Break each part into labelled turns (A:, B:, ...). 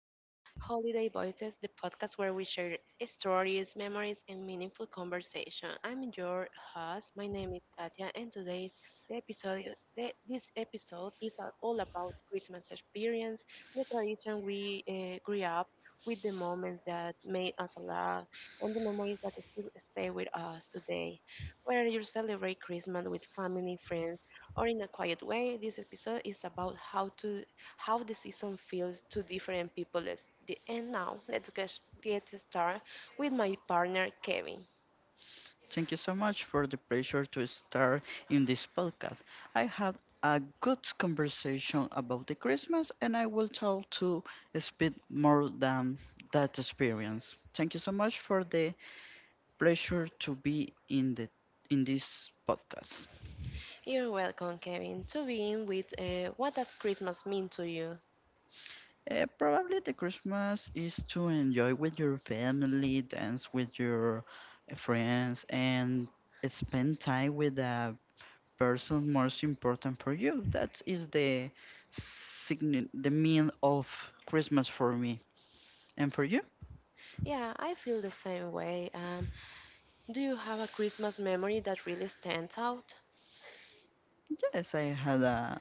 A: to Holiday Voices, the podcast where we share stories, memories, and meaningful conversation. I'm your host. My name is Katya, and today's the episode, the, this episode is all about Christmas experience, the tradition we grew up with, the moments that made us laugh, and the memories that still stay with us today. Whether you celebrate Christmas with family, friends, or in a quiet way, this episode is about how the season feels to different people. And now, let's get started with my partner, Kevin.
B: Thank you so much for the pleasure to start in this podcast. I had a good conversation about the Christmas and I will try to speak more than that experience. Thank you so much for the pleasure to be in the in this podcast.
A: You're welcome, Kevin, to begin with what does Christmas mean to you?
B: Probably the Christmas is to enjoy with your family, dance with your friends and spend time with a person most important for you. That is the sign the mean of Christmas for me. And for you,
A: Yeah, I feel the same way. Do you have a Christmas memory that really stands out?
B: yes, I had a,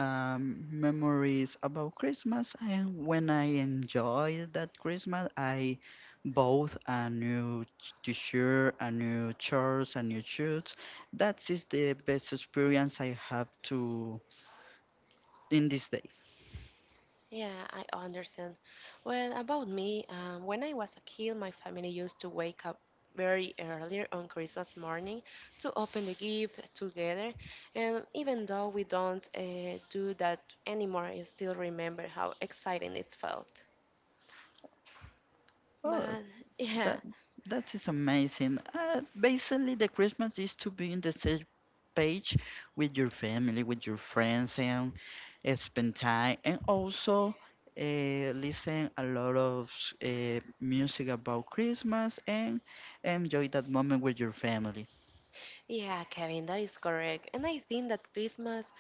B: um, memories about Christmas. And when I enjoyed that Christmas, I bought a new t-shirt, a new shorts, a new shoes. That is the best experience I have to in this day.
A: Yeah, I understand. Well, about me, when I was a kid, my family used to wake up very early on Christmas morning to open the gift together. And even though we don't do that anymore, I still remember how exciting it felt.
B: Oh,
A: But yeah,
B: that that is amazing. Basically, the Christmas is to be in the same page with your family, with your friends, and spend time, and also listen a lot of music about Christmas and enjoy that moment with your family.
A: yeah, Kevin, that is correct. And I think that Christmas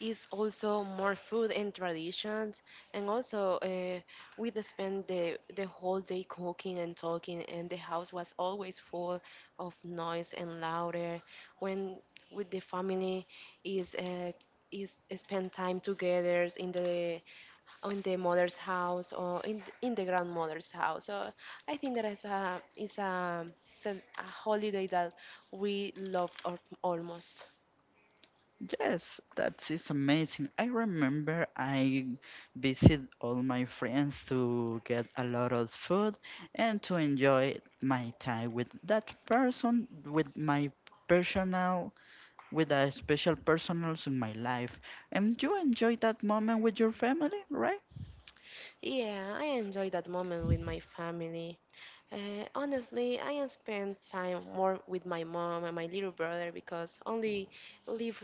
A: is also more food and traditions, and also we just spent the whole day cooking and talking, and the house was always full of noise and louder. When with the family is uh, is spend time together in the mother's house or in the grandmother's house. So I think that is a it's a holiday that we love almost.
B: Yes, that is amazing. I remember I visit all my friends to get a lot of food and to enjoy my time with that person, with my personal with the special personals in my life. And you enjoy that moment with your family, right?
A: Yeah, I enjoy that moment with my family. Honestly, I am spend time more with my mom and my little brother because live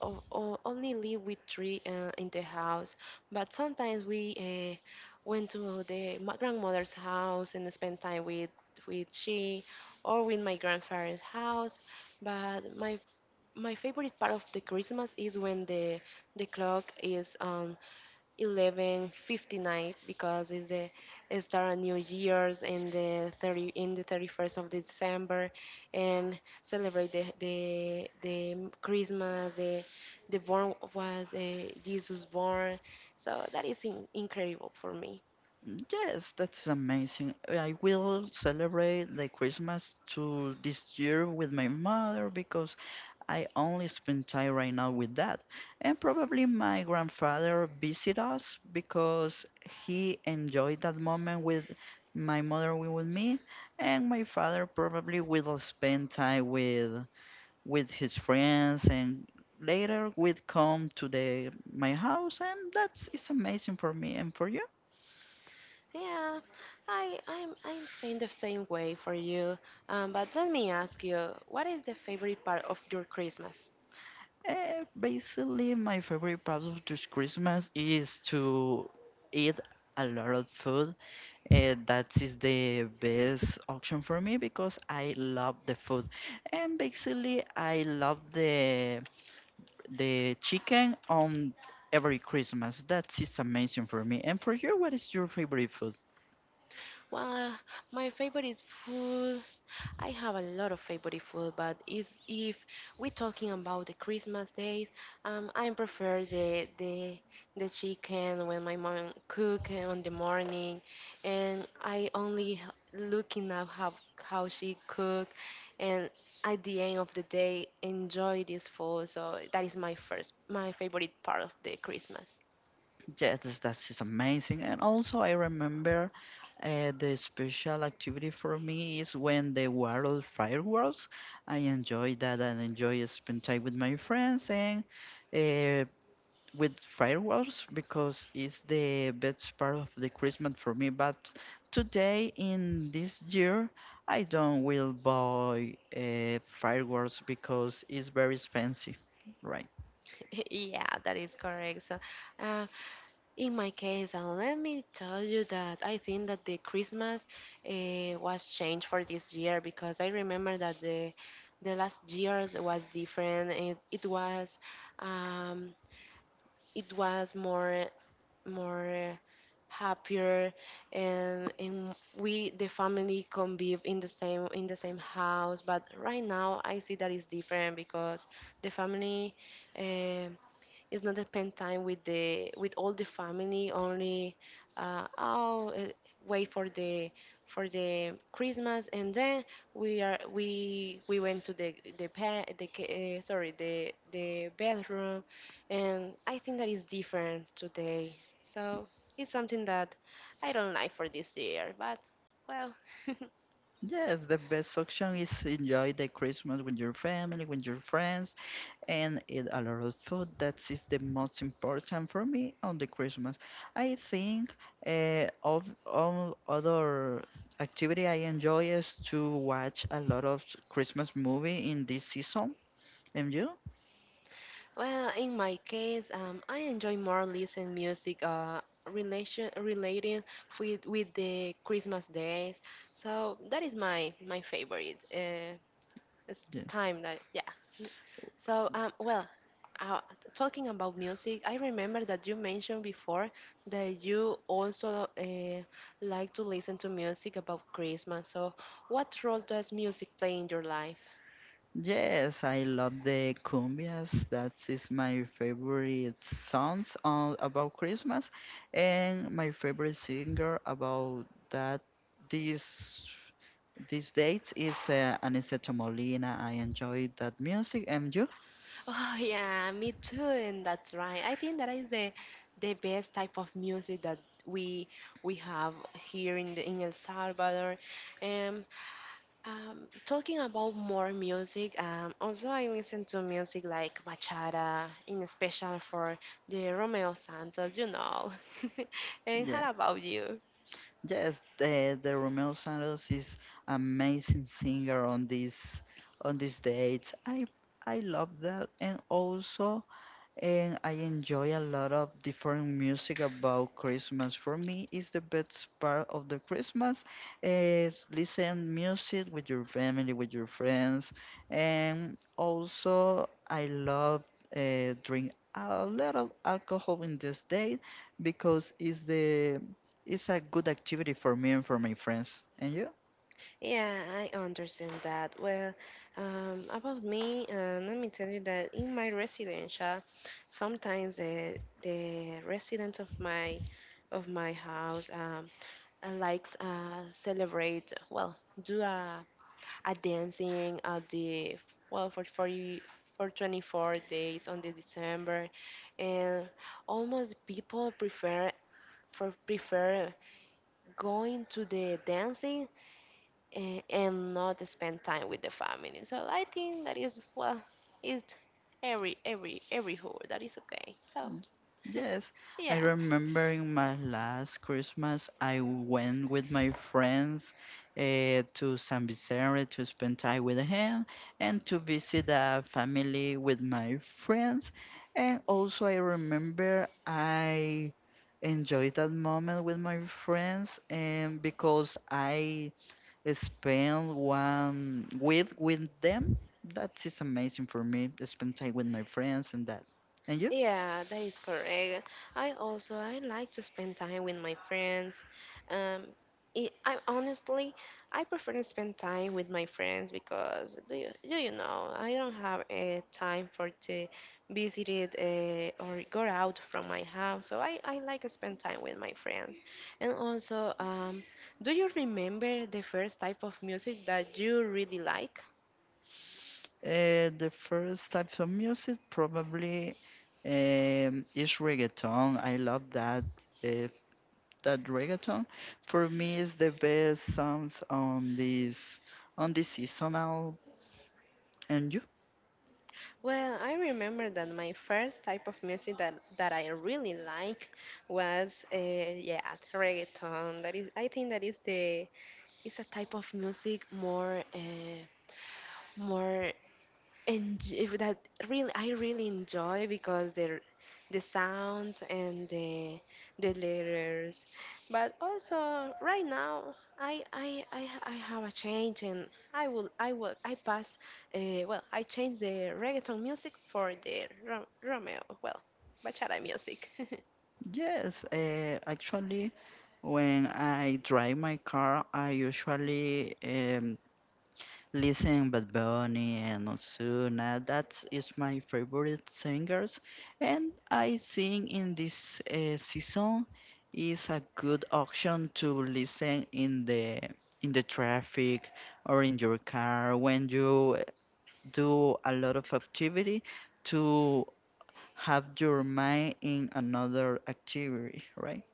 A: only live with three in the house. But sometimes we went to the my grandmother's house and spend time with she or with my grandfather's house. But my favorite part of the Christmas is when the clock is on 11:59 because it's the it's start of New Year's in the 31st of December and celebrate the Christmas, the born was Jesus born, so that is incredible for me.
B: Yes, that's amazing. I will celebrate the Christmas to this year with my mother because I only spend time right now with that. And probably my grandfather visit us because he enjoyed that moment with my mother with me and my father probably will spend time with his friends and later we'd come to the my house and that's it's amazing for me and for you.
A: Yeah, I'm staying the same way for you. But let me ask you, what is the favorite part of your Christmas?
B: Uh, basically my favorite part of this Christmas is to eat a lot of food and that is the best option for me because I love the food and basically I love the chicken on every Christmas. That is amazing for me. And for you, what is your favorite food?
A: Well, my favorite food, I have a lot of favorite food, but if we're talking about the Christmas days, I prefer the chicken when my mom cook on the morning, and I only looking at how she cook, and at the end of the day enjoy this food. So that is my favorite part of the Christmas.
B: Yes, that's just amazing. And also, I remember the special activity for me is when they were all fireworks. I enjoy that and enjoy spend time with my friends and uh, with fireworks because it's the best part of the Christmas for me. But today, in this year, I don't will buy fireworks because it's very expensive, right?
A: Yeah, that is correct. So, uh, in my case, and let me tell you that I think that the Christmas was changed for this year because I remember that the last years was different. Um, it was more happier, and we the family convive in the same house. But right now I see that it's different because the family. Uh, it's not spend time with all the family only uh, oh eh, wait for the Christmas, and then we are we went to the pa- the ca- eh, sorry the bedroom, and I think that is different today, so it's something that I don't like for this year, but well.
B: Yes, the best option is enjoy the Christmas with your family, with your friends, and eat a lot of food. That is the most important for me on the Christmas. I think of all other activity I enjoy is to watch a lot of Christmas movie in this season. And you?
A: Well, in my case, I enjoy more listening music relation related with the Christmas days. So that is my favorite. It's
B: Yeah.
A: time that, yeah. N- So, well, uh, talking about music, I remember that you mentioned before that you also like to listen to music about Christmas. So what role does music play in your life?
B: Yes, I love the cumbias. That is my favorite songs on, about Christmas, and my favorite singer about that this these dates is Aniceto Molina. I enjoy that music. And you?
A: Oh yeah, me too, and that's right. I think that is the best type of music that we we have here in El Salvador. Um, talking about more music, also I listen to music like bachata, in special for the Romeo Santos. And how
B: Yes,
A: about you?
B: yes. The Romeo Santos is amazing singer on this on these dates. I love that, and also and I enjoy a lot of different music about Christmas. For me, it's the best part of the Christmas is listen music with your family, with your friends, and also I love drink a lot of alcohol in this day because it's the it's a good activity for me and for my friends. And you?
A: Yeah, I understand that. Well, about me, let me tell you that in my residential, sometimes the residents of my house likes celebrate. Well, do a dancing at the well for 24 days on the December, and almost people prefer for prefer going to the dancing, and not spend time with the family. So I think that is, well, it's every who that is okay. So
B: Mm, yes, I
A: yeah,
B: remember in my last Christmas, I went with my friends to San Vicente to spend time with him and to visit a family with my friends. And also, I remember I enjoyed that moment with my friends, and because I spent 1 week with them, that is amazing for me. Spend time with my friends and that. And you?
A: yeah, that is correct. I also I like to spend time with my friends. Um, I honestly I prefer to spend time with my friends because do you know I don't have a time for to visit it, or go out from my house. So I like to spend time with my friends. And also, do you remember the first type of music that you really like?
B: The first types of music probably is reggaeton. I love uh, that reggaeton. For me, is the best songs on this seasonal. And you?
A: Well, I remember that my first type of music that I really like was yeah, reggaeton. That is, I think that is the it's a type of music more, and if that really I really enjoy because the sounds and the letters. But also right now I have a change, and I pass, well, I change the reggaeton music for the Romeo, well, bachata music.
B: Yes. Actually, when I drive my car, I usually listen Bad Bunny and Ozuna, that is my favorite singers, and I think in this season is a good option to listen in the traffic or in your car when you do a lot of activity to have your mind in another activity, right?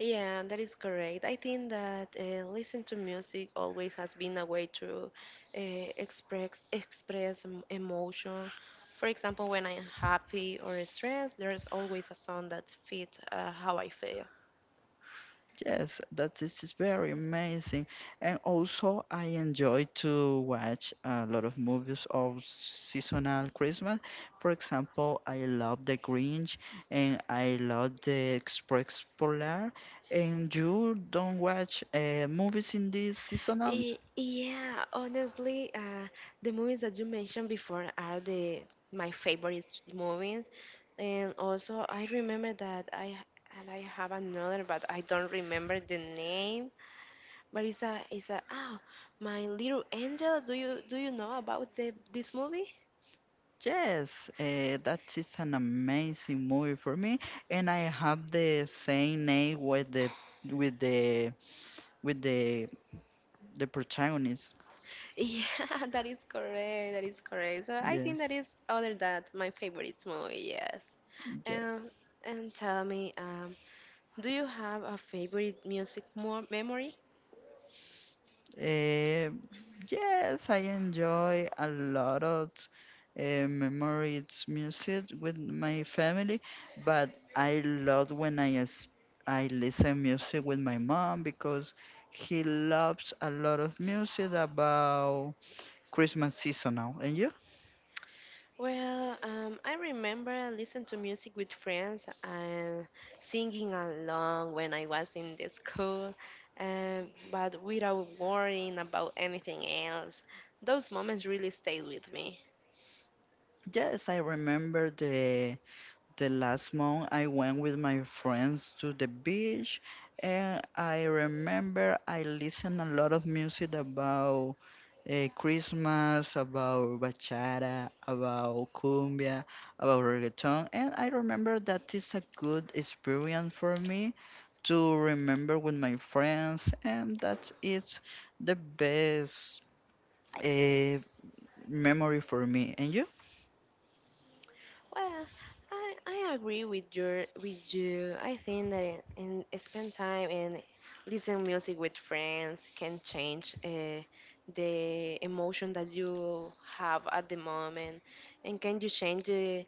A: Yeah, that is correct. I think that listen to music always has been a way to express emotion. For example, when I'm happy or stressed, there's always a song that fits how I feel.
B: Yes, that is very amazing. And also, I enjoy to watch a lot of movies of seasonal Christmas. For example, I love The Grinch and I love The Express Polar. And you don't watch movies in this seasonal?
A: Yeah, honestly, the movies that you mentioned before are the my favorite movies, and also I remember that I have another, but I don't remember the name. Marisa, is a it's a, oh, My Little Angel. Do you know about the this movie?
B: Yes, that is an amazing movie for me. And I have the same name with the with the with the protagonist.
A: Yeah, that is correct. That is correct. So I think
B: Yes.
A: that is other than my favorite movie. Yes,
B: Yes.
A: and and tell me, do you have a favorite music more memory?
B: Eh, yes, I enjoy a lot of memories music with my family, but I love when I listen music with my mom because he loves a lot of music about Christmas season. Now, and you?
A: Well, I remember listening to music with friends and singing along when I was in the school, but without worrying about anything else. Those moments really stayed with me.
B: Yes, I remember the last month I went with my friends to the beach and I remember I listened a lot of music about eh, Christmas, about bachata, about cumbia, about reggaeton, and I remember that is a good experience for me to remember with my friends, and that it's the best eh, memory for me. And you?
A: Well, I agree with you. I think that spend time and listen music with friends can change the emotion that you have at the moment, and can you change the.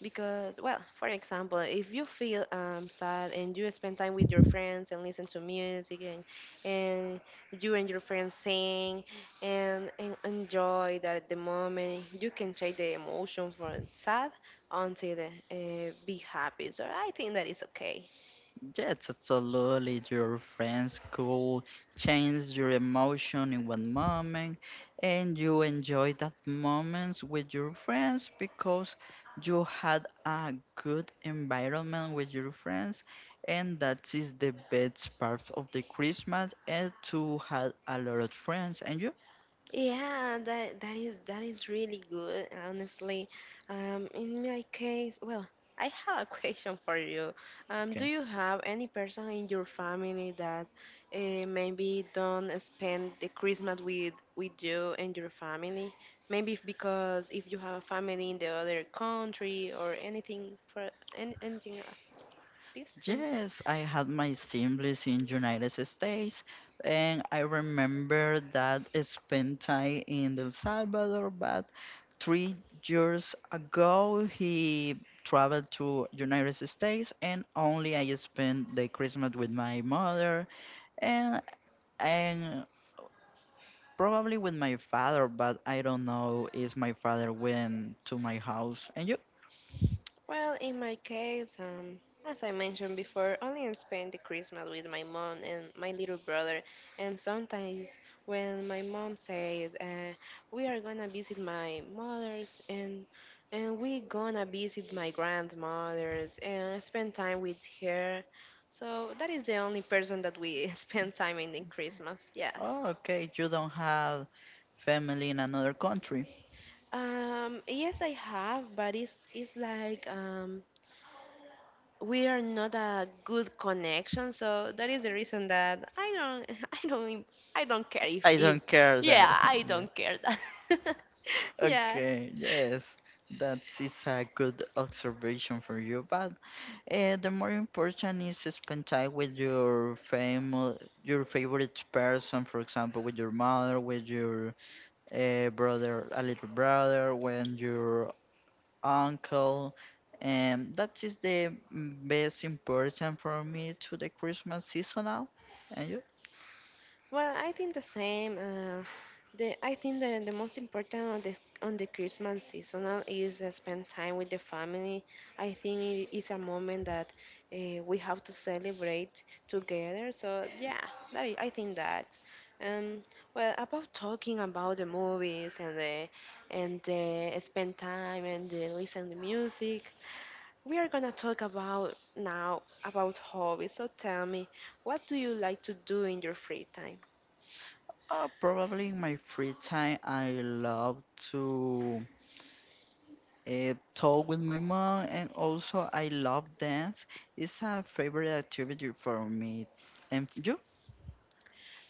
A: Because, well, for example, if you feel sad and you spend time with your friends and listen to music, and you and your friends sing, and enjoy that at the moment, you can change the emotion from sad until be happy. So I think that is okay.
B: Yes, absolutely. Your friends could change your emotion in one moment, and you enjoy that moments with your friends because you had a good environment with your friends, and that is the best part of the Christmas, and to have a lot of friends. And you?
A: Yeah, that is really good, honestly. In my case, well, I have a question for you. Do
B: Okay.
A: you have any person in your family that maybe don't spend the Christmas with you and your family? Maybe because if you have a family in the other country or anything for anything like this?
B: Yes, I had my siblings in United States, and I remember that I spent time in El Salvador, but 3 years ago he traveled to United States and only I spent the Christmas with my mother and and probably with my father but I don't know if my father went to my house. And you?
A: Well, in my case, as I mentioned before, only I spend the Christmas with my mom and my little brother. And sometimes when my mom says, "We are gonna visit my mother's," and we gonna visit my grandmother's and spend time with her. So that is the only person that we spend time in Christmas. Yes.
B: Oh, okay, you don't have family in another country.
A: Yes, I have, but it's like, we are not a good connection, so that is the reason that I don't. I don't care. if
B: I
A: if
B: don't care that.
A: yeah, I
B: Yeah,
A: don't care that. Yeah.
B: okay, yes, that is a good observation for you. But The more important is to spend time with your family, your favorite person, for example, with your mother, with your brother, a little brother, with your uncle. And that is the best important for me to the Christmas seasonal. And you?
A: Well, I think the same. The I think that the most important on the Christmas seasonal is spend time with the family. I think it is a moment that we have to celebrate together. So yeah, that is, I think that. Um, well, about talking about the movies and the spend time and the listen to music, we are gonna talk about now about hobbies. So tell me, what do you like to do in your free time?
B: Probably in my free time, I love to talk with my mom and also I love dance. It's a favorite activity for me. And you?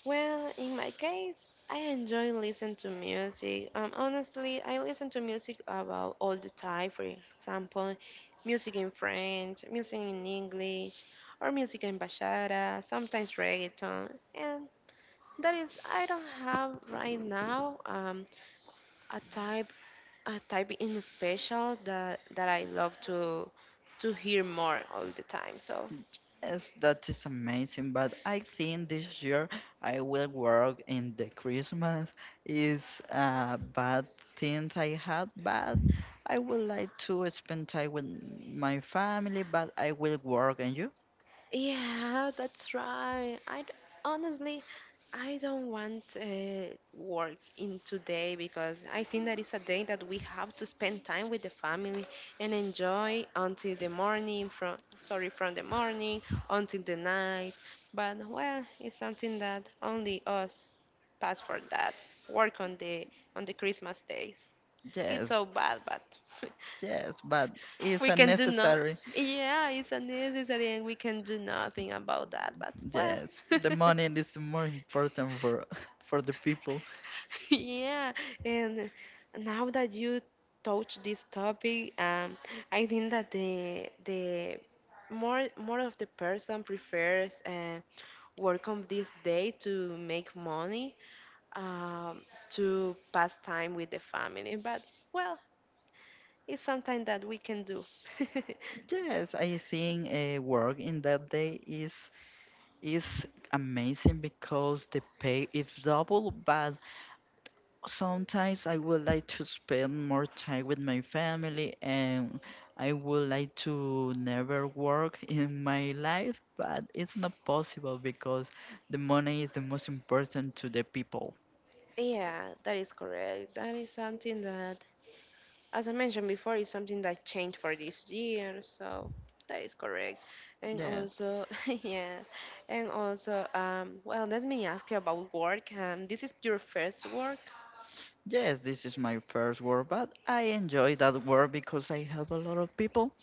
A: Well, in my case, I enjoy listening to music. Honestly, I listen to music about all the time. For example, music in French, music in English, or music in bachata, sometimes reggaeton. And that is, I don't have right now a type a type in special that I love to hear more all the time. So
B: Yes, that is amazing. But I think this year I will work in the Christmas. Is a bad thing I had, but I would like to spend time with my family. But I will work. And you?
A: yeah, that's right. Honestly, I don't want work in today because I think that it's a day that we have to spend time with the family and enjoy until the morning, from sorry from the morning until the night. But well, it's something that only us pass for that. Work on the Christmas days. It's
B: Yes,
A: so bad, but
B: yes. But it's
A: we can do not.
B: unnecessary.
A: Yeah, it's unnecessary and we can do nothing about that. But well,
B: Yes, the money is more important for for the people.
A: yeah. And now that you touch this topic, I think that the more of the person prefers work on this day to make money, um, to pass time with the family. But well, it's something that we can do.
B: Yes, I think work in that day is amazing because the pay is double, but sometimes I would like to spend more time with my family and I would like to never work in my life, but it's not possible because the money is the most important to the people.
A: Yeah, that is correct. That is something that, as I mentioned before, is something that changed for this year. So that is correct. And
B: Yes.
A: also, yeah, and also, well, let me ask you about work. This is your first work.
B: Yes, this is my first work, but I enjoy that work because I help a lot of people.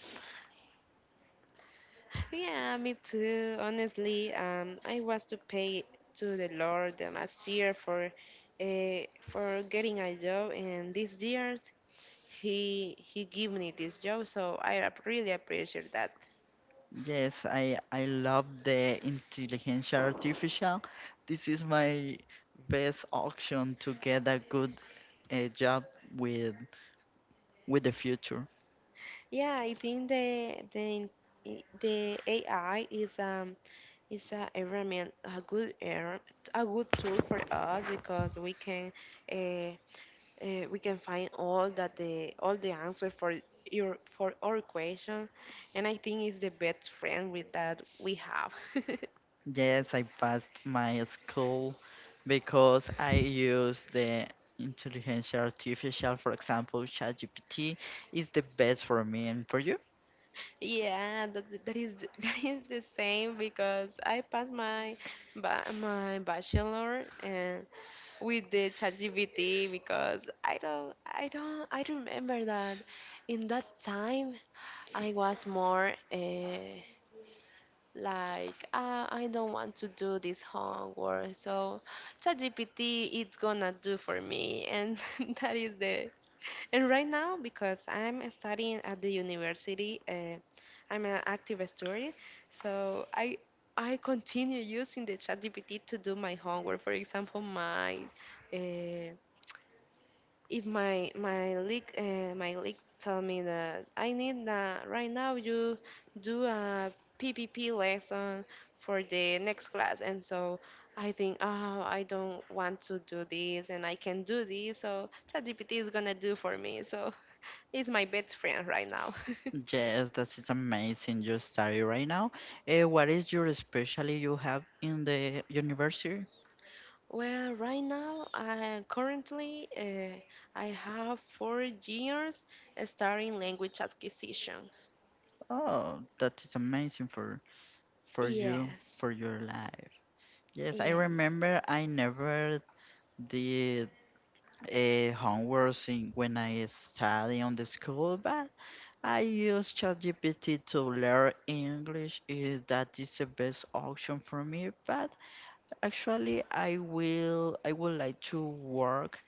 A: Yeah, me too. Honestly, I was to pay to the Lord the last year for getting a job, and this year he gave me this job, so I really appreciate that.
B: Yes, I love the intelligence artificial. This is my best option to get a good job with with the future.
A: Yeah, I think the AI is a environment a good tool for us because uh, we can find all that the all the answer for your for our question, and I think it's the best friend with that we have.
B: Yes, I passed my school because I use the intelligence artificial. For example, ChatGPT is the best for me. And for you.
A: Yeah, that is the same because I passed my my bachelor and with the ChatGPT because I don't I don't I remember that in that time I was more like I don't want to do this homework so ChatGPT it's gonna do for me and that is the and right now because I'm studying at the university, I'm an active student so I continue using the ChatGPT to do my homework. For example, my uh, if my league, my league tell me that I need that right now you do a PPP lesson for the next class and so I think, oh I don't want to do this and I can do this so ChatGPT is gonna do for me, so it's my best friend right now.
B: Yes, that is amazing. You study right now. What is your specialty you have in the university?
A: Well, right now, currently, I have 4 years studying language acquisitions.
B: Oh, that is amazing for you
A: Yes,
B: for your life. Yes, I
A: yes.
B: remember I never did homework in, when I study on the school, but I use ChatGPT to learn English. Eh, that is the best option for me. But actually, I would like to work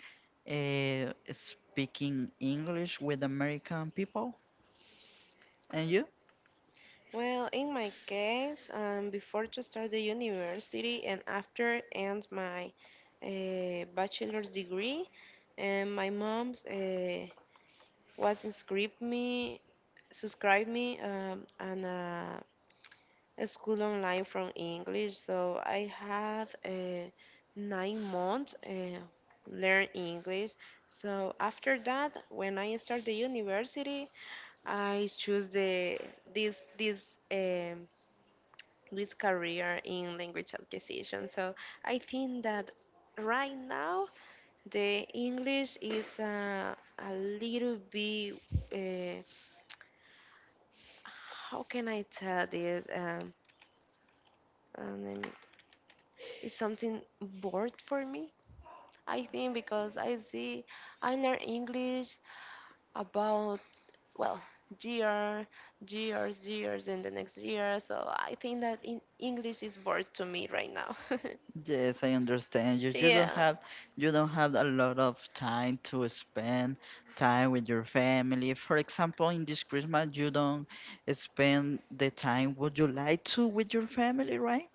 B: speaking English with American people. And you?
A: Well, in my case, before to start the university and after end my bachelor's degree, and my mom's was inscribed me, subscribed me on a school online from English. So I have 9 months learn English. So after that, when I start the university, I choose the this this. This career in language acquisition. So I think that right now the English is a little bit, uh, how can I tell this? Um, it's something bored for me. I think because I learn English about well year, years, years, and the next year. So I think that in English is bored to me right now.
B: Yes, I understand you.
A: yeah.
B: You don't have a lot of time to spend time with your family. For example, in this Christmas, you don't spend the time would you like to with your family, right?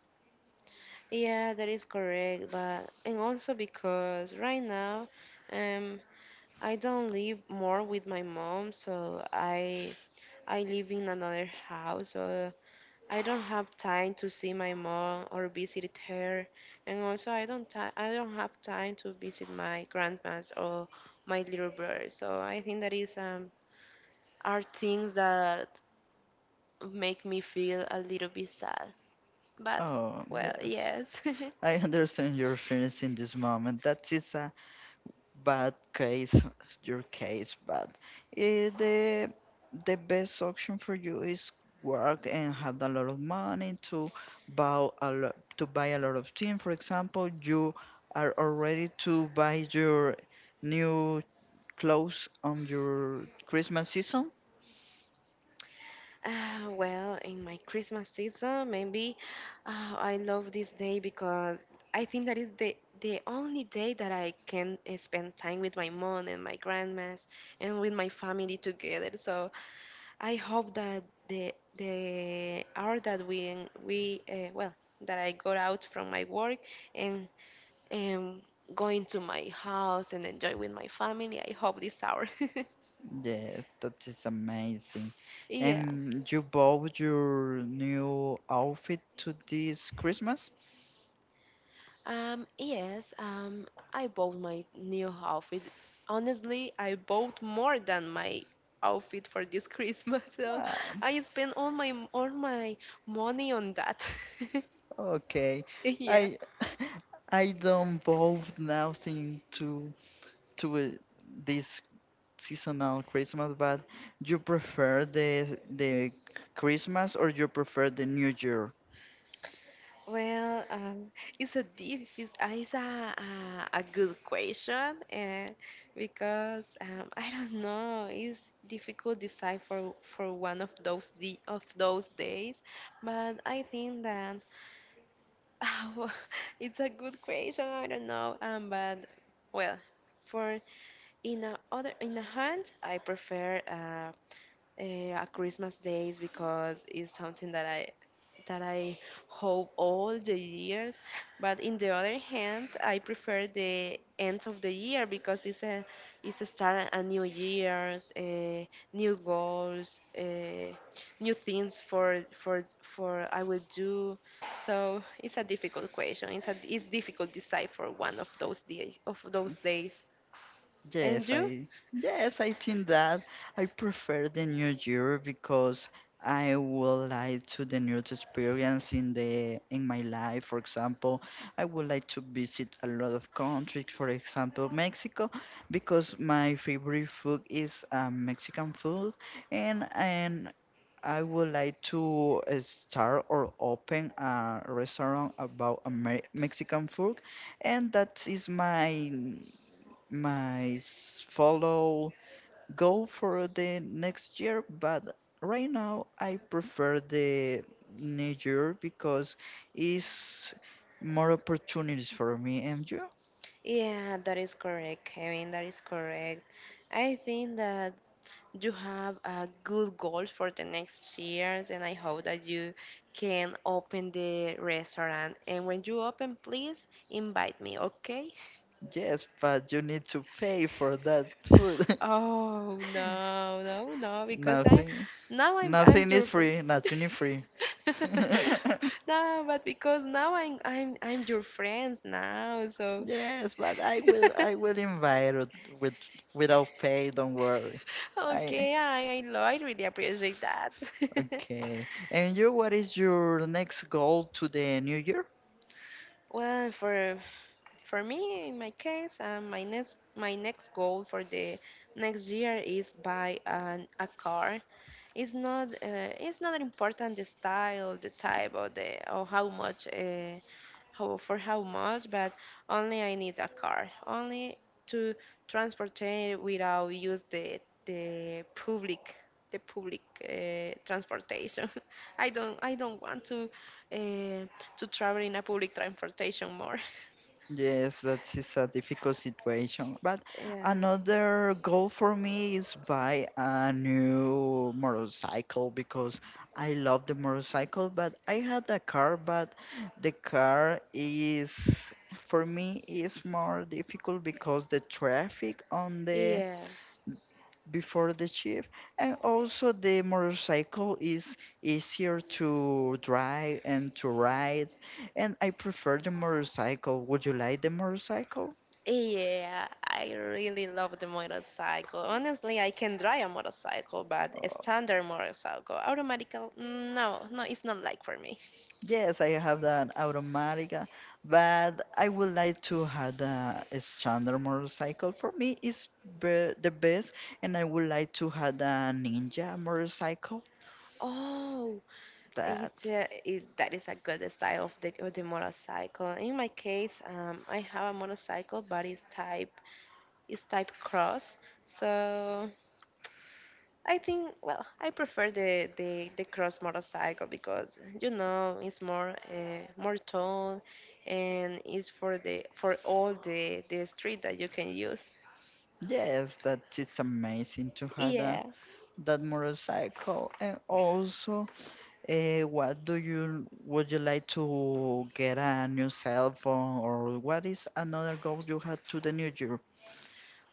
A: Yeah, that is correct, but and also because right now, um, I don't live more with my mom, so I live in another house, so I don't have time to see my mom or visit her, and also I don't have time to visit my grandmas or my little brother. So I think that is are things that make me feel a little bit sad, but
B: Oh,
A: well,
B: yes.
A: yes.
B: I understand your feelings in this moment. That is bad case, your case, but eh, the best option for you is work and have a lot of money to buy a lot, to buy a lot of things. For example, you are already to buy your new clothes on your Christmas season.
A: Well, in my Christmas season, maybe I love this day because I think that is the only day that I can spend time with my mom and my grandmas and with my family together. So I hope that the hour that we well that I got out from my work and um going to my house and enjoy with my family. I hope this hour.
B: Yes, that is amazing.
A: Yeah.
B: And you bought your new outfit to this Christmas?
A: Yes, I bought my new outfit. Honestly, I bought more than my outfit for this Christmas, so
B: Ah,
A: I spent all my money on that.
B: okay,
A: Yeah.
B: I I don't both nothing to to this seasonal Christmas, but you prefer the Christmas or you prefer the New Year?
A: Well, it's a deep, it's a good question because I don't know, it's difficult decide for one of those de of those days, but I think that oh, it's a good question. I don't know. But well, for in a other in a hand, I prefer at Christmas days because it's something that I hope all the years. But in the other hand, I prefer the end of the year because it's a start a new years, new goals, new things for I will do. So it's a difficult question. It's difficult decide for one of those days. And
B: Yes,
A: you?
B: I think that I prefer the New Year because I would like to the new experience in the in my life. For example, I would like to visit a lot of countries, for example, Mexico, because my favorite food is Mexican food, and I would like to start or open a restaurant about Amer Mexican food, and that is my follow goal for the next year, but right now I prefer the new because it's more opportunities for me. And you?
A: Yeah, that is correct, Kevin. That is correct. I think that you have a good goal for the next years, and I hope that you can open the restaurant. And when you open, please invite me, okay?
B: Yes, but you need to pay for that food.
A: Oh, no, no, no, because I
B: nothing,
A: now I'm
B: nothing
A: your
B: is
A: friend.
B: free. Nothing is free.
A: No, but because now I'm your friends now, so
B: Yes, but I will, I will invite it with without pay. Don't worry. I
A: okay, I really appreciate that.
B: Okay. And you, what is your next goal to the new year?
A: Well, for me, in my case, my next goal for the next year is buy an, a car. It's not important the style, the type, or the or how much. How for how much, but only I need a car, only to transport it without use the public transportation. I don't want uh, to travel in a public transportation more.
B: Yes, that is a difficult situation. But
A: Yeah.
B: another goal for me is buy a new motorcycle because I love the motorcycle, but I had a car, but the car is for me is more difficult because the traffic on the
A: Yes.
B: before the shift, and also the motorcycle is easier to drive and to ride, and I prefer the motorcycle. Would you like the motorcycle?
A: Yeah, I really love the motorcycle. Honestly, I can drive a motorcycle, but a
B: Uh,
A: standard motorcycle, automatic, no, no, it's not like for me.
B: yes, I have an automatic, but I would like to have the standard motorcycle. For me is the best, and I would like to have a Ninja motorcycle.
A: Oh, it's
B: that
A: a, it, that is a good style of of the motorcycle. In my case, I have a motorcycle, but it's type cross. So I think, well, I prefer the cross motorcycle because you know it's more more tall, and it's for the for all the street that you can use.
B: yes that it's amazing to have
A: Yeah.
B: that motorcycle. And also, what do you would you like to get a new cell phone, or what is another goal you had to the new year?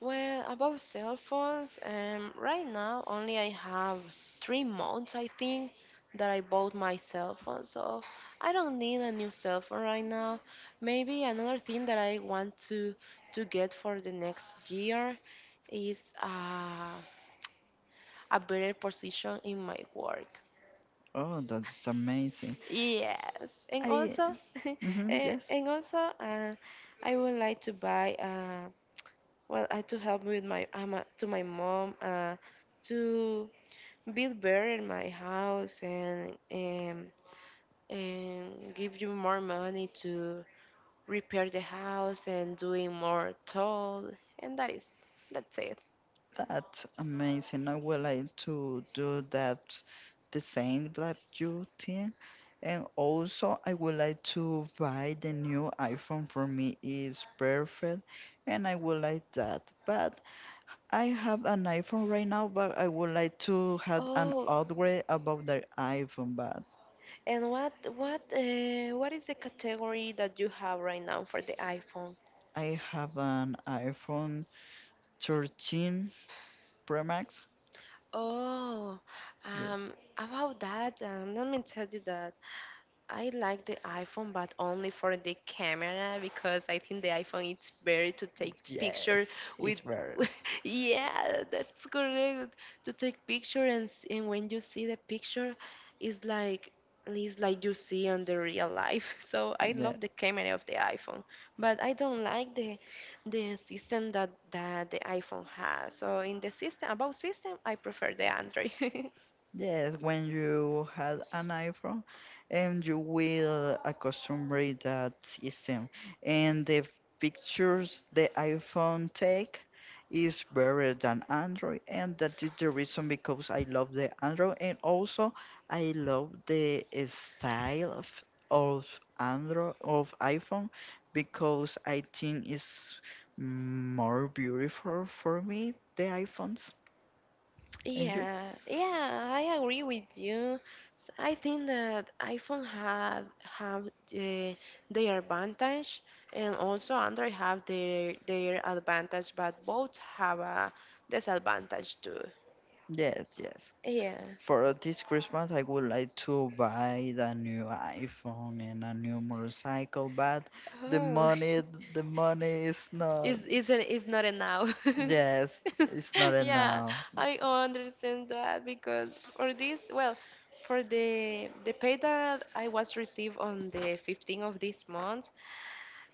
A: Well, about cell phones, right now only I have 3 months, I think, that I bought my cell phone, so I don't need a new cell phone right now. Maybe another thing that I want to get for the next year is a better position in my work.
B: Oh, that's amazing.
A: Yes, and
B: I
A: also,
B: mhm,
A: eh,
B: yes,
A: and also, I would like to buy well, to help with my to my mom to build better in my house and give you more money to repair the house and doing more toll and that is that's it.
B: that's amazing. I would like to do that the same like you did. And also I would like to buy the new iPhone. For me is perfect, and I would like that. But I have an iPhone right now, but I would like to have an
A: Oh,
B: upgrade about the iPhone. But
A: and what is the category that you have right now for the iPhone?
B: I have an iPhone 13 Pro Max.
A: Oh,
B: Yes.
A: about that, let me tell you that I like the iPhone, but only for the camera because I think the iPhone it's better to take picture
B: Yes,
A: with.
B: it's better.
A: Yeah, that's correct. To take picture and and when you see the picture, it's like it's like you see on the real life. So I love the camera of the iPhone, but I don't like the system that that the iPhone has. So in the system about system, I prefer the Android.
B: Yes, when you had an iPhone, and you will accostumbred that system, and the pictures the iPhone take is better than Android, and that is the reason because I love the Android. And also I love the style of Android of iPhone, because I think it's more beautiful for me the iPhones. And you?
A: Yeah, yeah, I agree with you. I think that iPhone have uh, their advantage, and also Android have their advantage, but both have a disadvantage too.
B: Yes, yes.
A: Yes.
B: For this Christmas, I would like to buy the new iPhone and a new motorcycle, but the
A: Oh,
B: money, is not,
A: is not enough.
B: yes, it's not
A: Yeah,
B: enough.
A: I understand that because for this, well, for the pay that I was received on the 15th of this month,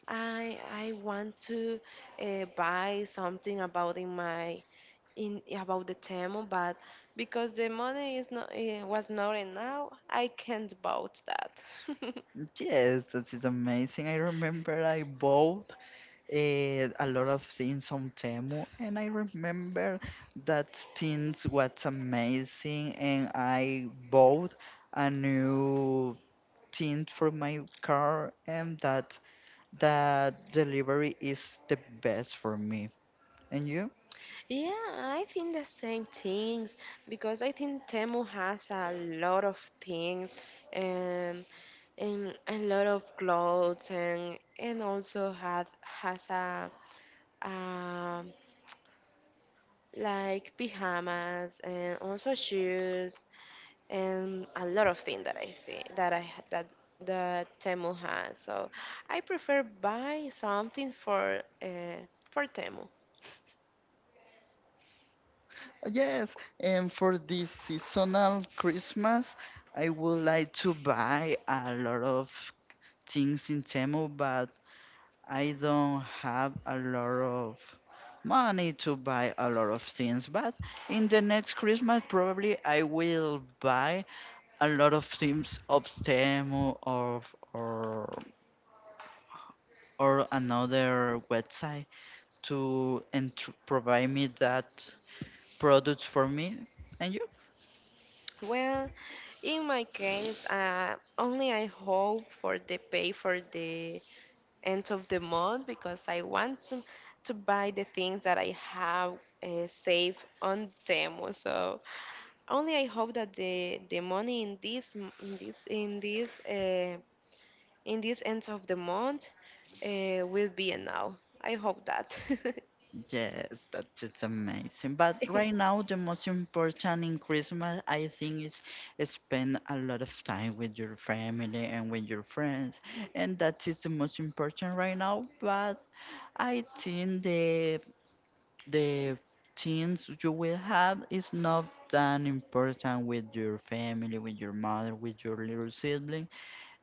A: I want to buy something about in my in about the Temu, but because the money is not was not enough, I can't bought that.
B: Yes, this is amazing. I remember I bought a lot of things on Temu, and I remember that things was amazing, and I bought a new tint for my car, and that delivery is the best for me. And you?
A: Yeah, I think the same things because I think Temu has a lot of things and a lot of clothes and also has a um like pajamas and also shoes and a lot of things that I see that that the Temu has. So I prefer buy something for Temu.
B: Yes, and for this seasonal Christmas, I would like to buy a lot of things in Temu, but I don't have a lot of money to buy a lot of things. But in the next Christmas, probably I will buy a lot of things of Temu or or another website to and provide me that product for me. And you?
A: Well, in my case, only I hope for the pay for the end of the month because I want to buy the things that I have saved on Temu. So only I hope that the money in this in this end of the month will be enough. I hope that.
B: Yes, that is amazing, but right now the most important in Christmas, I think, is spend a lot of time with your family and with your friends, and that is the most important right now. But I think the things you will have is not that important. With your family, with your mother, with your little sibling,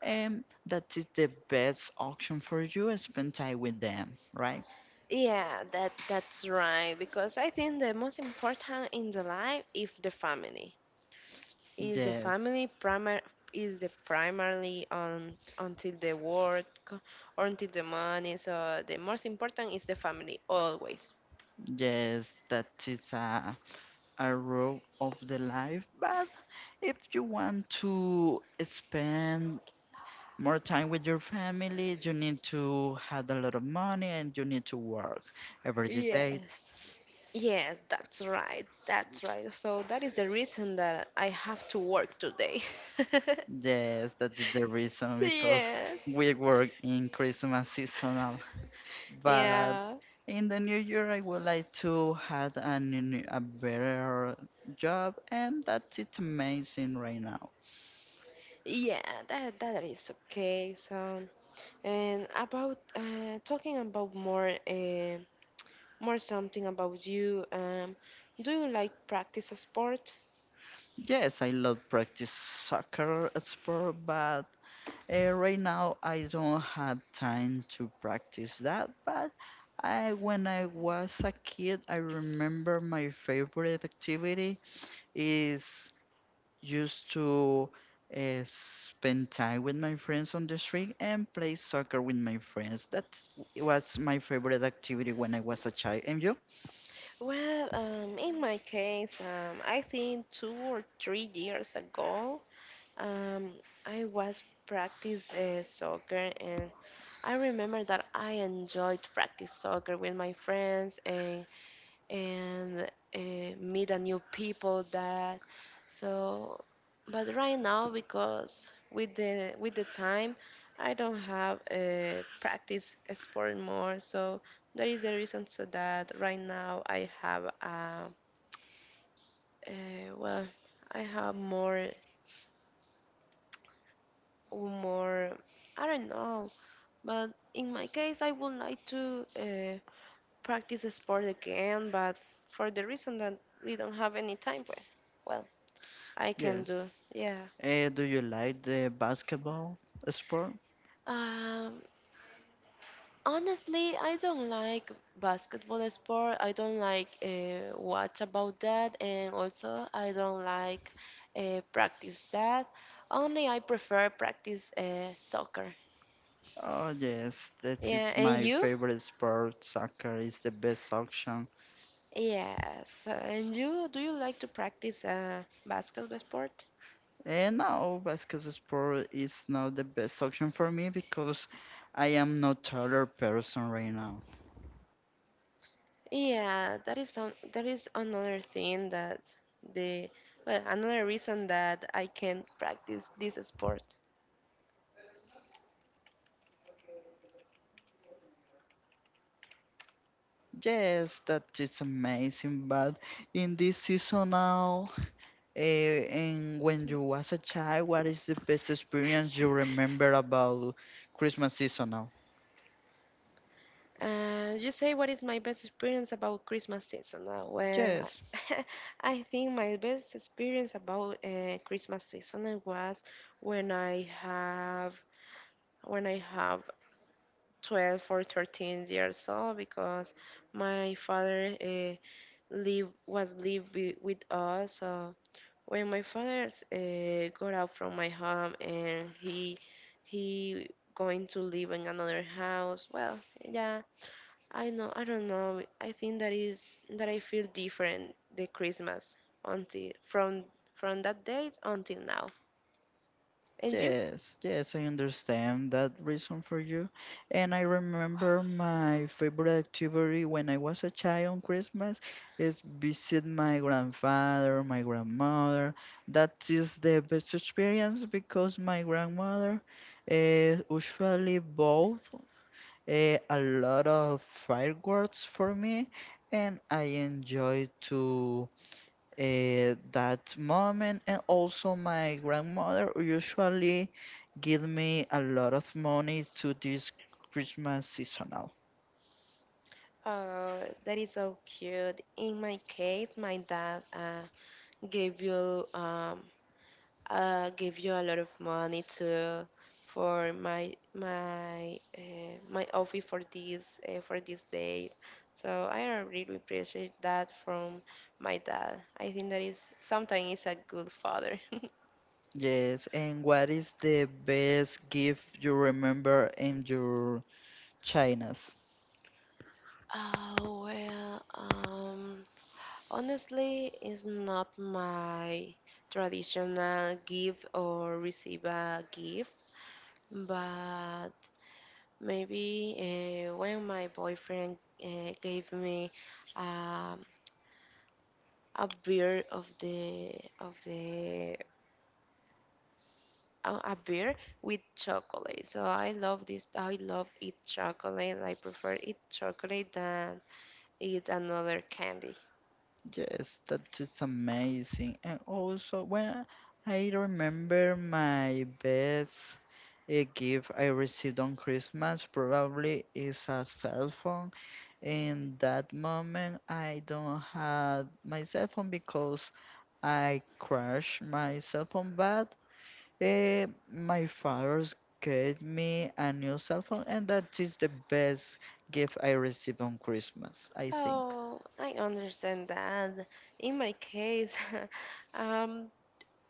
B: and that is the best option for you. Spend time with them, right?
A: Yeah, that's right. Because I think the most important in the life is the family. Is the
B: Yes,
A: family primar is the primarily on until the work or until the money. So the most important is the family always.
B: yes, that is a rule of the life. But if you want to spend more time with your family, you need to have a lot of money, and you need to work every day.
A: Yes. Yes, that's right. That's right. So that is the reason that I have to work today.
B: Yes, that is the reason because
A: Yes.
B: we work in Christmas seasonal. But
A: Yeah.
B: in the new year, I would like to have a better job, and that's it's amazing right now.
A: Yeah, that is okay. And about talking about more more something about you. Do you like practice a sport?
B: Yes, I love practice soccer sport, but right now I don't have time to practice that. When I was a kid, I remember my favorite activity is used to spend time with my friends on the street and play soccer with my friends. That's was my favorite activity when I was a child. And you?
A: Well, in my case, I think 2 or 3 years ago, um, I was practice soccer, and I remember that I enjoyed practice soccer with my friends, and and uh, meet a new people that so but right now because with the time I don't have practice sport more, so that is the reason, so that right now I have well I have more more, I don't know, but in my case I would like to practice sport again, but for the reason that we don't have any time, well I can
B: Yes.
A: do. Yeah.
B: Do you like the basketball sport?
A: Um, Honestly, I don't like basketball sport. I don't like watch about that, and also I don't like practice that. Only I prefer practice soccer.
B: Oh yes, that
A: Yeah,
B: is
A: and
B: my
A: you?
B: favorite sport. Soccer is the best option.
A: Yes. And you? Do you like to practice basketball sport?
B: And no, basketball sport is not the best option for me because I am not taller person right now.
A: Yeah, that is some, that is another thing that the well another reason that I can't practice this sport.
B: Yes, that is amazing. But in this seasonal, and when you was a child, what is the best experience you remember about Christmas seasonal?
A: You say what is my best experience about Christmas season? Well,
B: Yes.
A: I think my best experience about Christmas season was when I have 12 or 13 years old because my father live with us. So when my father got out from my home and he going to live in another house, well, yeah I know, I don't know. I think that is that I feel different the Christmas until from that date until now. And you?
B: Yes, yes, I understand that reason for you. And I remember my favorite activity when I was a child on Christmas is visit my grandfather, my grandmother. That is the best experience because my grandmother usually bought a lot of fireworks for me, and I enjoy to that moment. And also my grandmother usually give me a lot of money to this Christmas seasonal.
A: That is so cute. In my case, my dad gave you um gave you a lot of money to for my office for this day. So I really appreciate that from my dad. I think that is sometimes is a good father.
B: Yes. And what is the best gift you remember in your China's?
A: Oh, well, honestly, it's not my traditional give or receive a gift, but maybe when my boyfriend gave me um, a beer of the of the a beer with chocolate. So I love this. I love eat chocolate. I prefer eat chocolate than eat another candy.
B: Yes, that is amazing. And also, when I remember my best a gift I received on Christmas, probably is a cell phone. In that moment, I don't have my cell phone because I crashed my cell phone, but eh, my father's gave me a new cell phone, and that is the best gift I received on Christmas, I think.
A: Oh, I understand that. In my case, um,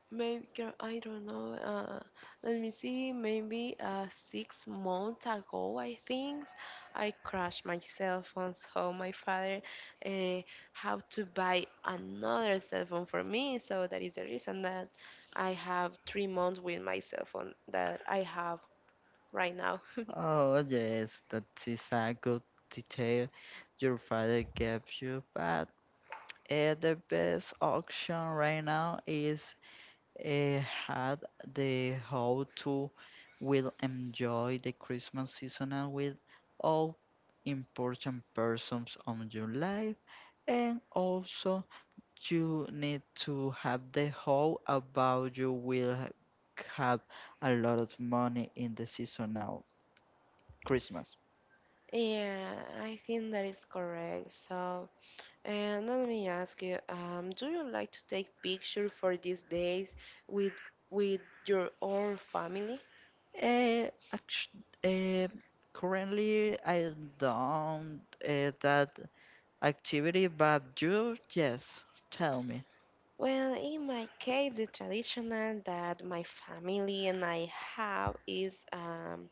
A: maybe I don't know. Let me see. Maybe 6 months ago, I think I crashed myself on so my father uh, had to buy another cell phone for me. So that is the reason that I have 3 months with my cell phone that I have right now.
B: Oh, yes, that is a good detail your father gave you, but the best option right now is eh, had the how to will enjoy the Christmas season and with all important persons on your life. And also you need to have the how about you will have a lot of money in the seasonal Christmas.
A: Yeah, I think that is correct. So. And let me ask you, do you like to take pictures for these days with with your own family?
B: Eh, act- eh, Currently I don't that activity. But you, yes, tell me.
A: Well, in my case, the traditional that my family and I have is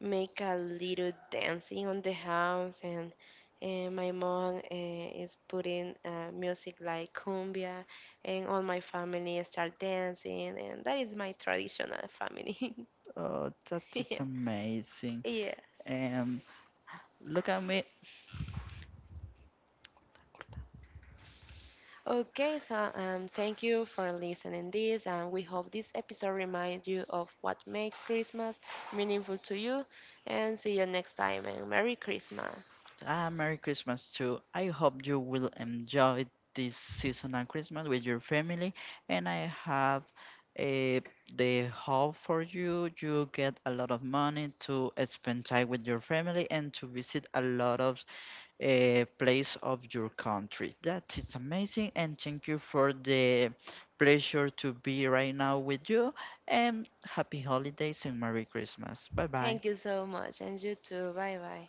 A: make a little dancing on the house, and my mom is putting music like cumbia, and all my family start dancing, and that is my traditional family.
B: Oh, that is
A: Yeah.
B: amazing.
A: Yes.
B: And look at me.
A: Okay, so thank you for listening this, and we hope this episode reminds you of what makes Christmas meaningful to you. And see you next time, and Merry Christmas!
B: Merry Christmas too. I hope you will enjoy this season and Christmas with your family. And I have eh, the hope for you. You get a lot of money to spend time with your family and to visit a lot of place of your country. That is amazing, and thank you for the pleasure to be right now with you. And happy holidays and Merry Christmas. Bye bye.
A: Thank you so much, and you too. Bye bye.